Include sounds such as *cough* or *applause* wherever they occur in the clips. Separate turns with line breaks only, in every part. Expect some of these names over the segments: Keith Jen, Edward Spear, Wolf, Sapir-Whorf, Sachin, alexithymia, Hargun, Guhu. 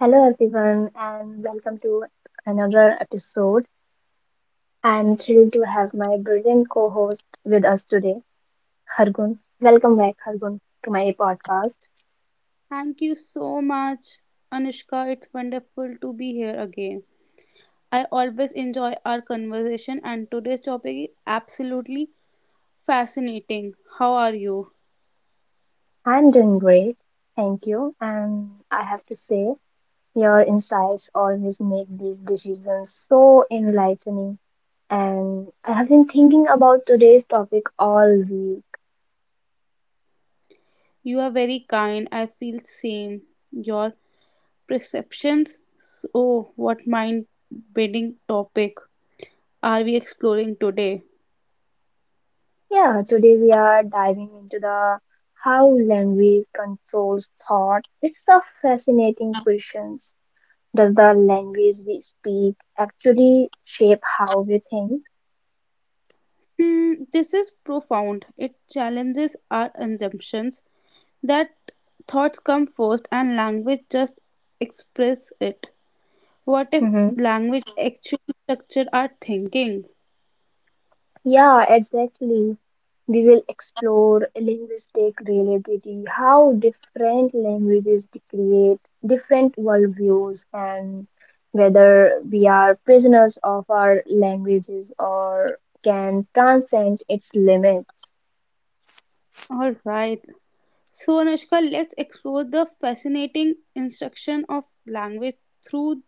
Hello, everyone, and welcome to another episode. I'm thrilled to have my brilliant co-host with us today, Hargun. Welcome back, Hargun, to my podcast.
Thank you so much, Anushka. It's wonderful to be here again. I always enjoy our conversation, and today's topic is absolutely fascinating. How are you?
I'm doing great, thank you. And I have to say, your insights always make these decisions so enlightening. And I have been thinking about today's topic all week.
You are very kind. I feel same. Your perceptions. Oh, what mind-bending topic are we exploring today?
Yeah, today we are diving into the how language controls thought. It's a fascinating question. Does the language we speak actually shape how we think?
This is profound. It challenges our assumptions that thoughts come first and language just express it. What if
hmm
language actually structure our thinking?
Yeah, exactly. We will explore linguistic reliability, how different languages create different worldviews, and whether we are prisoners of our languages or can transcend its limits.
All right. So, Anushka, let's explore the fascinating instruction of language through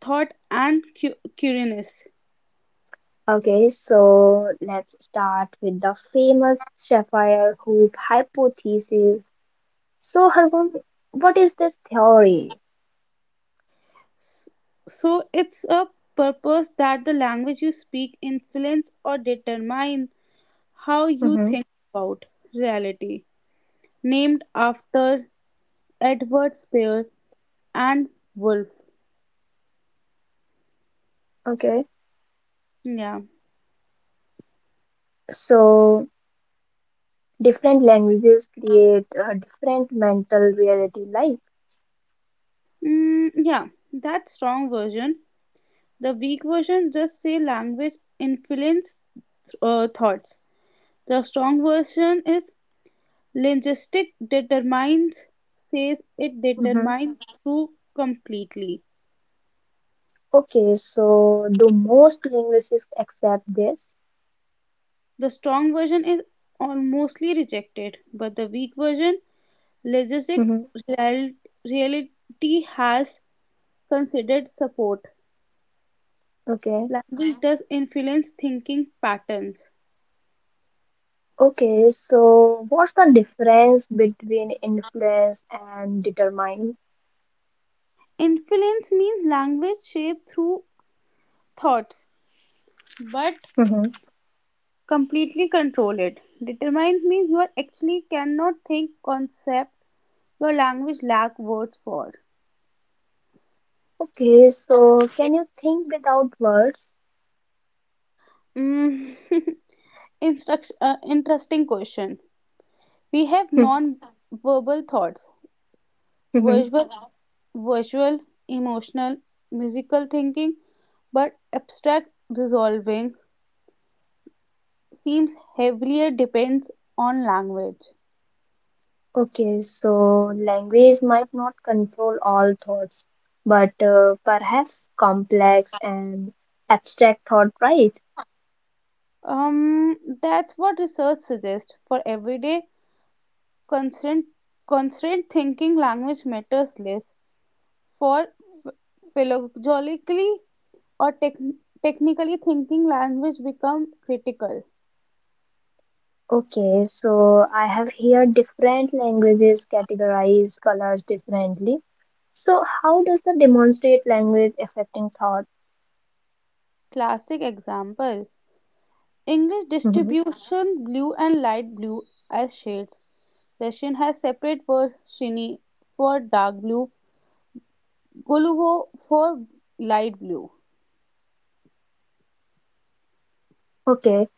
thought and curiousness.
Okay, so let's start with the famous sapphire hoop hypothesis. So, Hargun, what is this theory?
S- So, it's a purpose that the language you speak influence or determine how you
Mm-hmm.
think about reality. Named after Edward Spear and Wolf.
Okay,
Yeah.
so different languages create a different mental reality life.
Mm, yeah, that strong version. The weak version just say language influence thoughts. The strong version is linguistic determines, says it
Mm-hmm.
determines through completely.
Okay, so do most linguists accept this?
The strong version is almostly rejected, but the weak version linguistic
Mm-hmm.
real- reality has considered support.
Okay,
Language does influence thinking patterns.
okay, so what's the difference between influence and determine?
Influence means language shaped through thoughts, but
Mm-hmm.
completely control it. Determined means you are actually cannot think concept your language lack words for.
Okay, so can you think without words?
Mm. *laughs* Interesting question. We have
Hmm,
non-verbal thoughts,
mhm.
visual, visual, emotional, musical thinking, but abstract resolving seems heavier depends on language.
Okay, so language might not control all thoughts, but perhaps complex and abstract thought, right?
Um, that's what research suggests for everyday Constant constant thinking language matters less for philogenically or technically thinking language become critical.
Okay, so I have here different languages categorize colors differently. So how does the demonstrate language affecting thought?
Classic example English
Mhm.
distribution blue and light blue as shades. Russian has separate words shiny for dark blue, golubo for light blue.
Okay,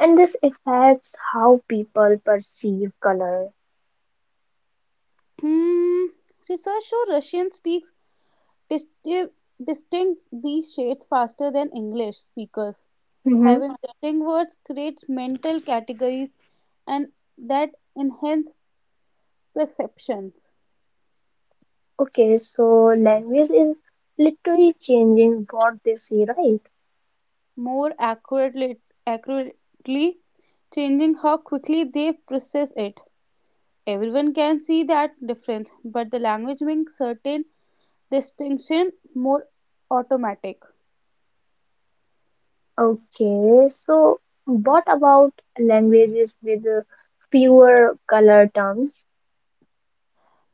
and this affects how people perceive color.
Hmm. Research show Russian speaks disti- distinct these shades faster than English speakers. Having distinct words creates mental categories and that enhance perceptions
Okay, so language is literally changing what they see, right?
more accurately, accurately changing how quickly they process it. Everyone can see that difference, but the language makes certain distinction more automatic.
Okay, so what about languages with fewer color terms?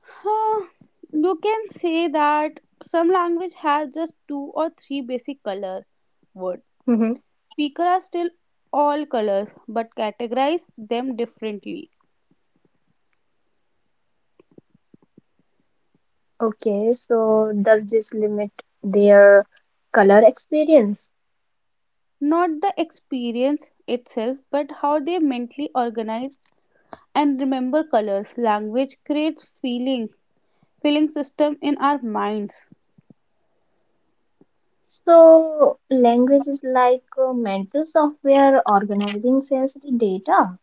Huh, you can say that some language has just two or three basic color words.
Hmm.
Speakers are still all colors but categorize them differently.
Okay, so does this limit their color experience?
Not the experience itself, but how they mentally organize and remember colors. Language creates feeling, system in our minds.
So language is like mental software organizing sensory data.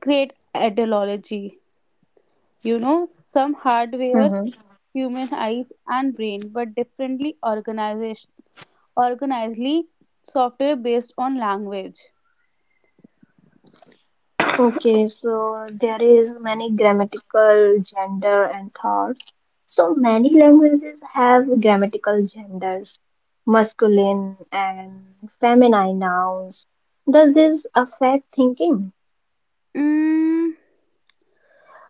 Create ideology. Some hardware,
Mm-hmm.
human eyes and brain, but differently organization organizedly software based on language.
Okay, so there is many grammatical gender and thoughts. So many languages have grammatical genders, masculine and feminine nouns. Does this affect thinking?
Mm,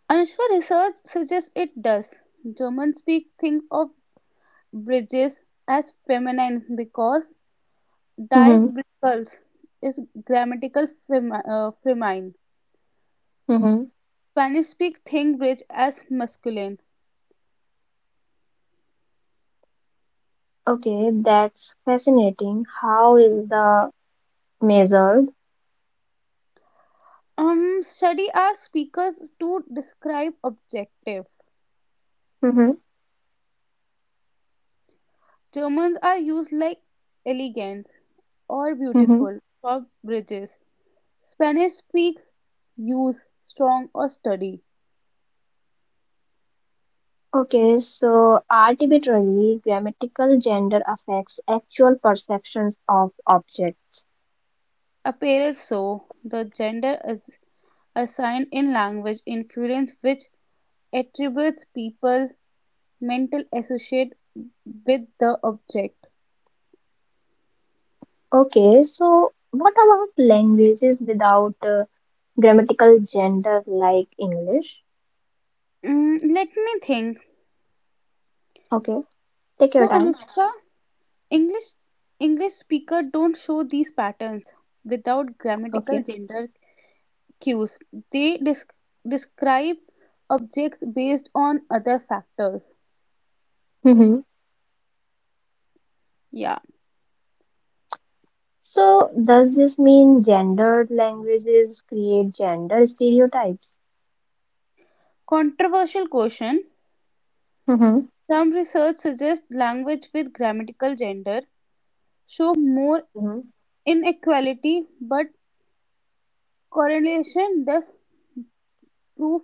Anushka research suggests it does. German speak think of bridges as feminine because die
Mm-hmm.
bridges is grammatical feminine.
Mm-hmm.
Spanish speak think bridge as masculine.
Okay, that's fascinating. How is the measured?
Study asks speakers to describe objective.
Mm-hmm.
Germans are used like elegant or
Mm-hmm.
beautiful for bridges. Spanish speaks use strong or study.
Okay, so arbitrarily grammatical gender affects actual perceptions of objects.
Appears so. The gender is assigned in language influence which attributes people mental associate with the object.
Okay, so what about languages without grammatical gender like English?
Let me think.
Okay, take
So,
your time.
Anushka, English English speaker don't show these patterns without grammatical
Okay.
gender cues. They describe objects based on other factors.
Hmm.
Yeah.
So, does this mean gendered languages create gender stereotypes?
Controversial question.
Hmm.
Some research suggests language with grammatical gender show more
Hmm.
inequality, but correlation does prove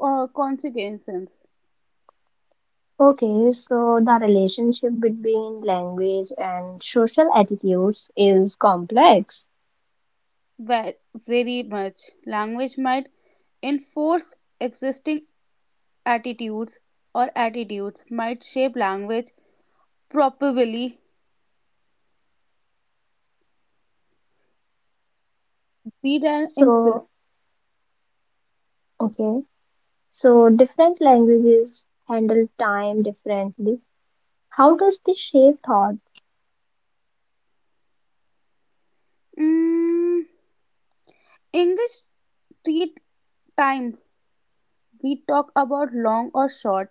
consequences
Okay, so the relationship between language and social attitudes is complex.
ve- very much. Language might enforce existing attitudes, or attitudes might shape language, probably be an influence.
So, okay, so different languages handle time differently. How does this shape thought?
Mm, English treat time. We talk about long or short.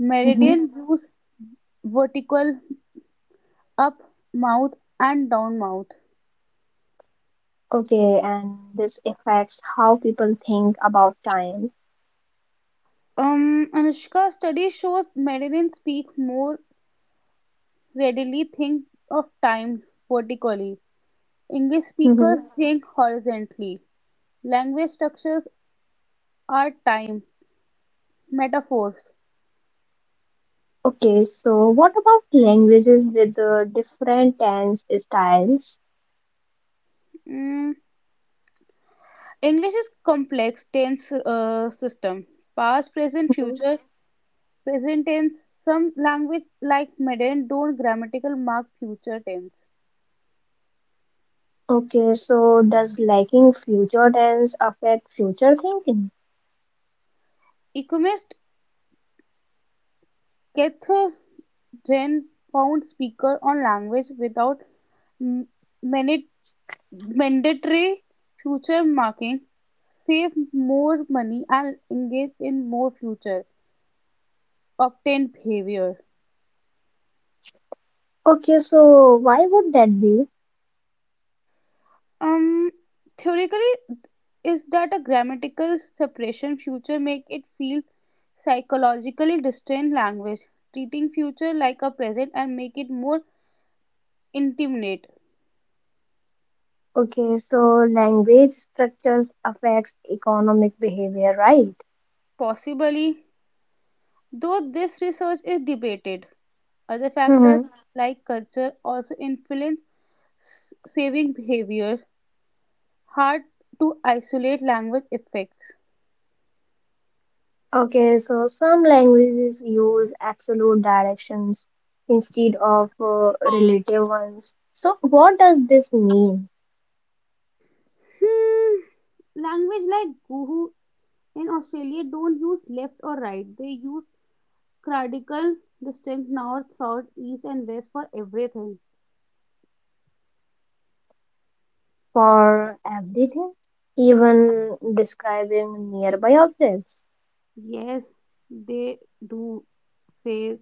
Meridian use vertical up mouth and down mouth.
Okay, and this affects how people think about time.
Anushka study shows Meridian speak more readily think of time vertically. English speakers
Hmm.
think horizontally. Language structures are time metaphors.
Okay, so what about languages with different tense styles?
Mm, English is complex tense system. Past, present,
Hmm.
future, present tense. Some language like modern don't grammatical mark future tense.
Okay, so does lacking future tense affect future thinking?
Economist Keith Jen found speaker on language without m- minute mandatory future marking save more money and engage in more future obtained behavior.
Okay, so why would that be?
um Theoretically is that a grammatical separation future make it feel psychologically distant, language treating future like a present and make it more intimate.
Okay, so language structures affects economic behavior, right?
Possibly, though this research is debated, other factors like culture also influence saving behavior. Hard to isolate language effects.
Okay, so some languages use absolute directions instead of relative ones. So, what does this mean
Hmm, language like Guhu in Australia don't use left or right. They use grammatical distinct north, south, east, and west for everything.
for everything, even describing nearby objects?
Yes, they do say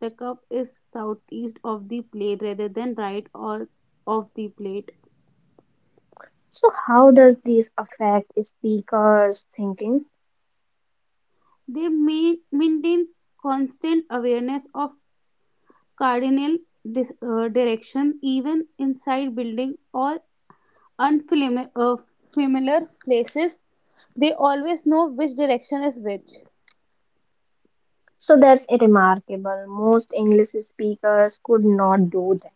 the cup is southeast of the plate rather than right or of the plate.
So, how does this affect speakers' thinking?
They may maintain constant awareness of cardinal direction even inside building or unfamiliar familiar places. They always know which direction is which.
So, that's remarkable. Most English speakers could not do that.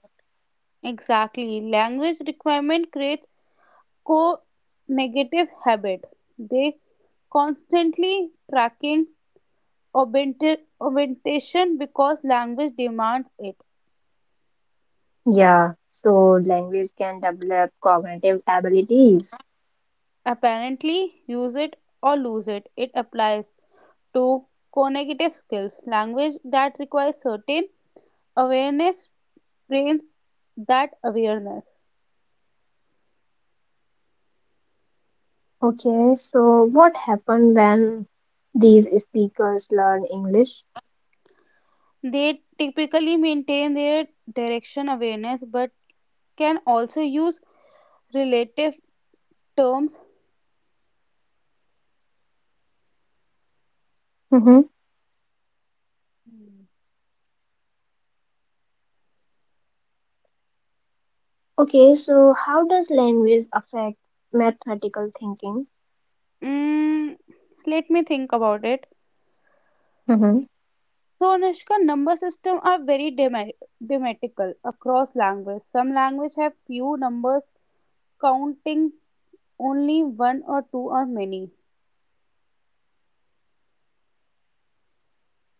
Exactly. Language requirement creates co negative habit. They constantly tracking augmentation because language demands it.
Yeah, so language can develop cognitive abilities.
Apparently, use it or lose it. It applies to co-negative skills. Language that requires certain awareness trains that awareness.
Okay, so what happened when these speakers learn English?
They typically maintain their direction awareness but can also use relative terms.
Mm-hmm.
Hmm.
Okay, so how does language affect mathematical thinking?
Mm, let me think about it.
Mm-hmm.
So, Anushka, number system are very dematical across language. Some language have few numbers, counting only one or two or many.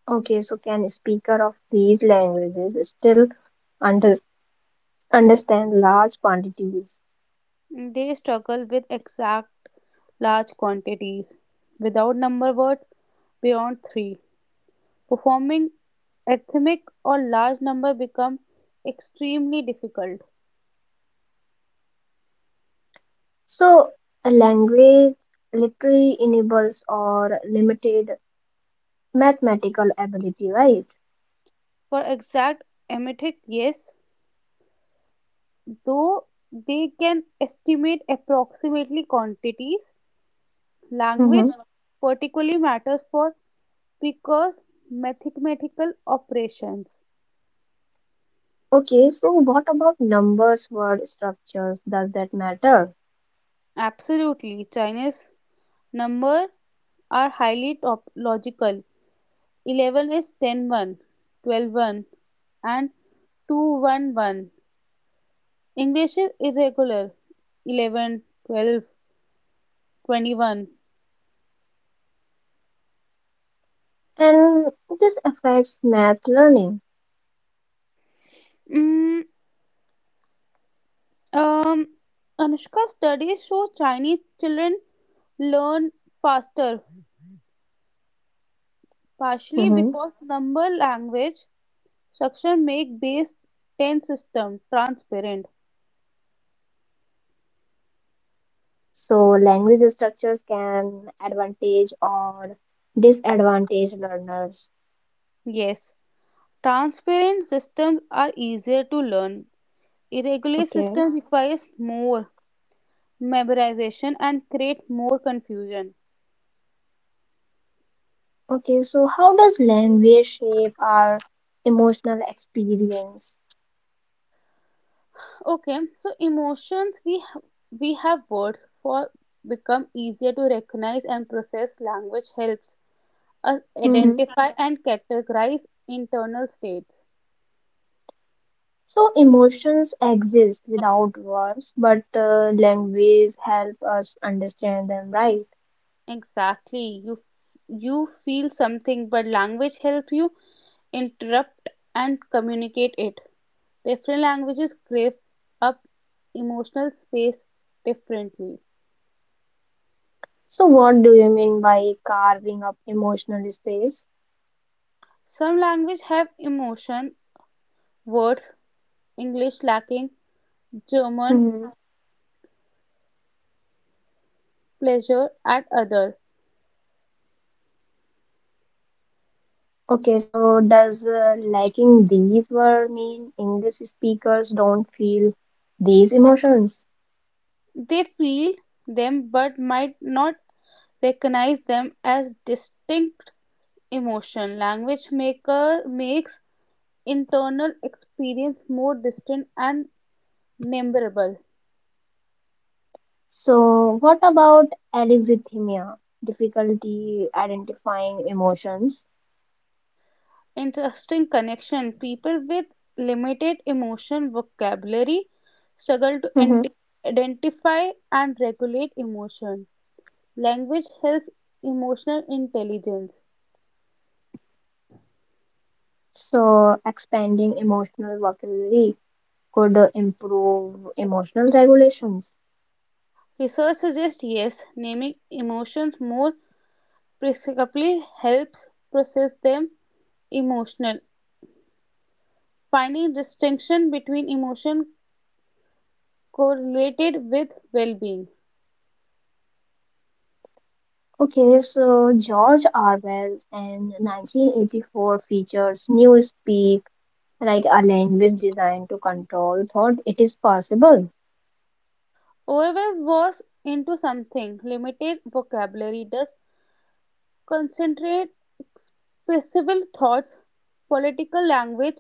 Okay, so can speaker of these languages still under, understand large quantities?
They struggle with exact large quantities without number words beyond three. Performing ethmic or large number become extremely difficult.
So a language literally enables or limited mathematical ability, right?
For exact emetic, yes, though they can estimate approximately quantities, language
Mm-hmm.
particularly matters for precise mathematical operations.
Okay, so what about numbers, word structures? Does that matter?
Absolutely, Chinese number are highly logical. 11 is ten one, twelve one, and 211. English is irregular. 11, 12, 21.
And this affects math learning.
12, Mm, um, Anushka studies show Chinese children learn faster, partially
Mhm.
because number language structure make base 10 system transparent.
So language structures can advantage or disadvantage learners.
Yes, transparent systems are easier to learn. Irregular
Okay.
system requires more memorization and create more confusion.
Okay. So how does language shape our emotional experience?
Okay, so emotions we have words for become easier to recognize and process. Language helps us
Mhm.
identify and categorize internal states.
So emotions exist without words, but language help us understand them, right?
Exactly, you feel something, but language helps you interrupt and communicate it. Different languages crave up emotional space differently.
So what do you mean by carving up emotional space?
Some languages have emotion words, English lacking, German pleasure at others.
Okay, so does lacking these were mean English speakers don't feel these emotions?
They feel them but might not recognize them as distinct emotion. Language maker makes internal experience more distant and memorable.
So what about alexithymia, difficulty identifying emotions?
Interesting connection. People with limited emotion vocabulary struggle to
Hmm.
identify and regulate emotion. Language helps emotional intelligence.
So expanding emotional vocabulary could improve emotional regulations.
Research suggests yes, naming emotions more psychotherapy helps process them. Emotional finding distinction between emotion correlated with well-being.
Okay, so George Orwell and 1984 features new speak like a language designed to control thought. It is possible.
Overwhelm was into something limited vocabulary does concentrate expressible thoughts. Political language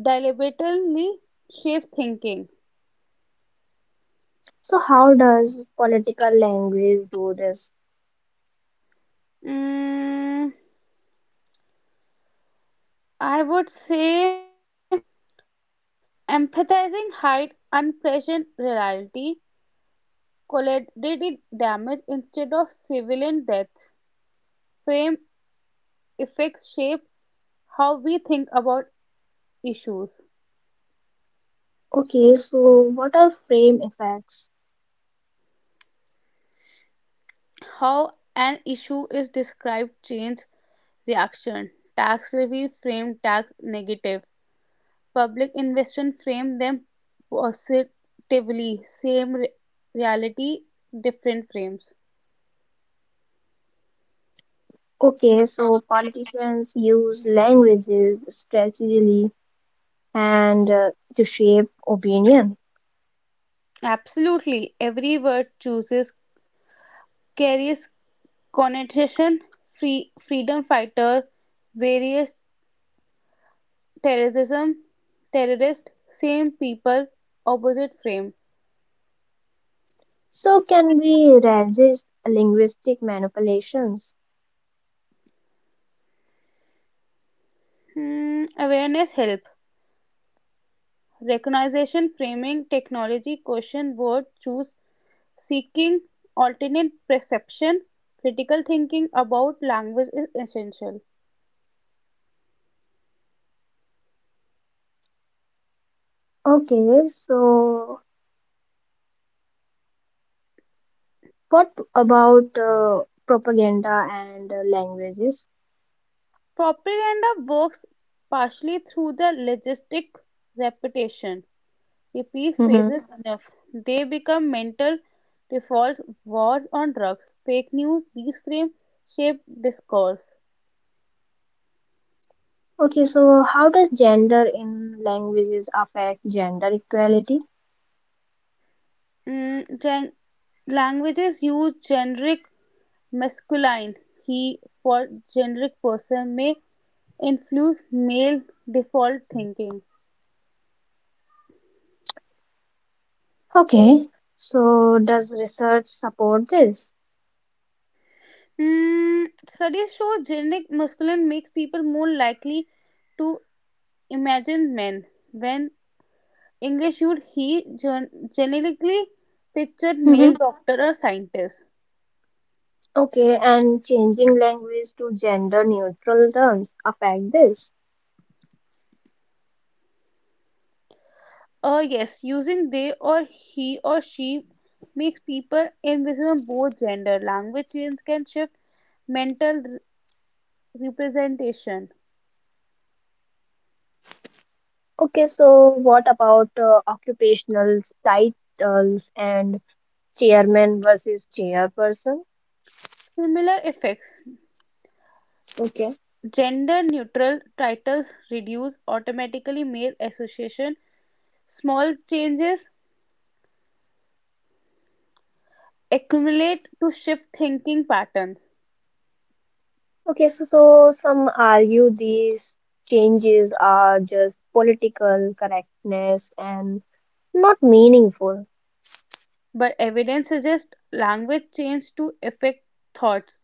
deliberately shape thinking.
So how does political language do this?
Mm, I would say empathizing hide unpleasant reality, collateral damage instead of civilian death. Frame effects shape how we think about issues.
Okay, so what are frame effects?
How an issue is described change reaction. Tax review frame tax negative. Public investment frame them positively. Same reality, different frames.
Okay, so politicians use languages strategically and to shape opinion.
Absolutely, every word chooses carries connotation. Free freedom fighter, various terrorism, terrorist, same people, opposite frame.
So can we resist linguistic manipulations?
Awareness help. Recognition framing technology question word choose seeking alternate perception, critical thinking about language is essential.
Okay, so what about propaganda and languages?
Propaganda works partially through the logistic repetition. Repeat phases
Mhm.
enough. They become mental defaults, wars on drugs, fake news, these frame shape discourse.
Okay, so how does gender in languages affect gender equality?
Mm, gen- languages use generic masculine he for generic person may influence male default thinking.
Okay. So, does research support this?
Studies show generic masculine makes people more likely to imagine men. When English used he generically pictured
Mm-hmm.
male doctor or scientist.
Okay, and changing language to gender neutral terms affect this.
Yes, using they or he or she makes people invisible both gender. Language change can shift mental representation.
Okay, so what about occupational titles and chairman versus chairperson?
Similar effects.
Okay.
Gender neutral titles reduce automatically male association. Small changes accumulate to shift thinking patterns.
Okay, so some argue these changes are just political correctness and not meaningful.
But evidence suggests language change to affect thoughts.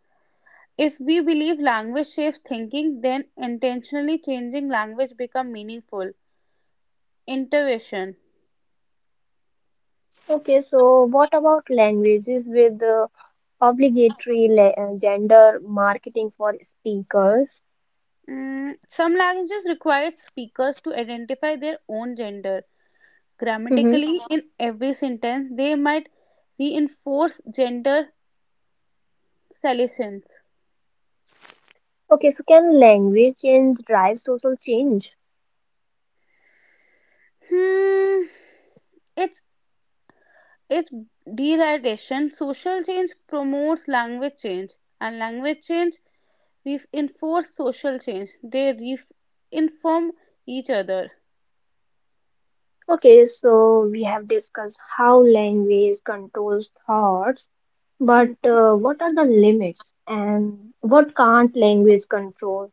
If we believe language shapes thinking, then intentionally changing language become meaningful. Intuition.
Okay, so what about languages with gender marketing for speakers.
Some languages require speakers to identify their own gender
Hmm.
grammatically, in every sentence. They might reinforce gender salience.
Okay, so can language change drive social change?
Hmm, it's it's derivation. Social change promotes language change, and language change reinforce social change. They inform each other.
Okay, so we have discussed how language controls thoughts, but
Hmm.
what are the limits and what can't language control?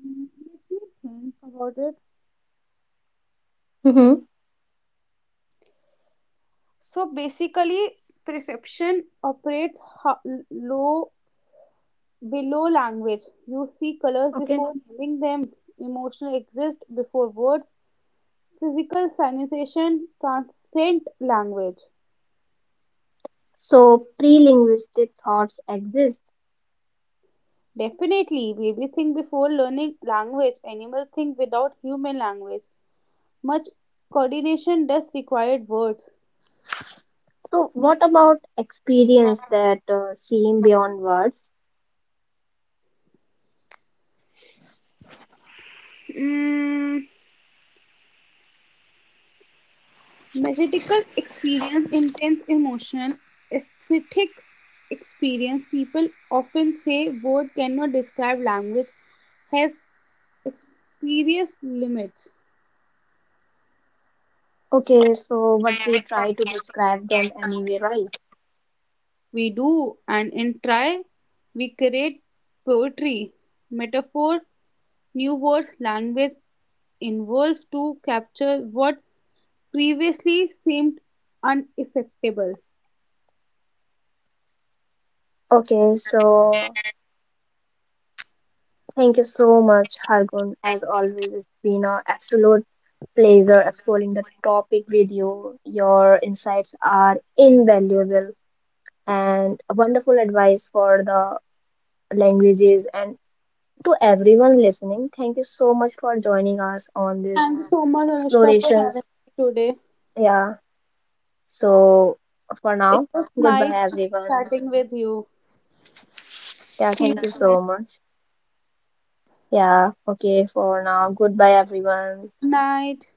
Hmm, Let me think about it.
Hmm.
So basically, perception operates low below language. You see colors
Okay,
before naming them, emotional exist before words, physical sensation transcend language.
so pre-linguistic thoughts exist.
Definitely, baby think before learning language, animal think without human language. Much coordination does required words.
So what about experience that seem beyond words?
Mm, magical experience, intense emotional, aesthetic experience. People often say word cannot describe, language has experience limits.
Okay, so what we try to describe them anyway, right?
We do, and in try, we create poetry, metaphor, new words. Language involves to capture what previously seemed unaffectable.
Okay, so thank you so much, Hargun. As always, it's been an absolute pleasure exploring the topic with you. Your insights are invaluable and wonderful advice for the languages and to everyone listening. Thank you so much for joining us on these
Thank you so much, Anushka, for having
explorations.
me today.
Yeah, so for
It
now,
was
goodbye,
nice
everyone.
chatting with you.
Yeah,
See you
thank you
soon.
so much. Yeah, okay, for now, goodbye, everyone.
Night.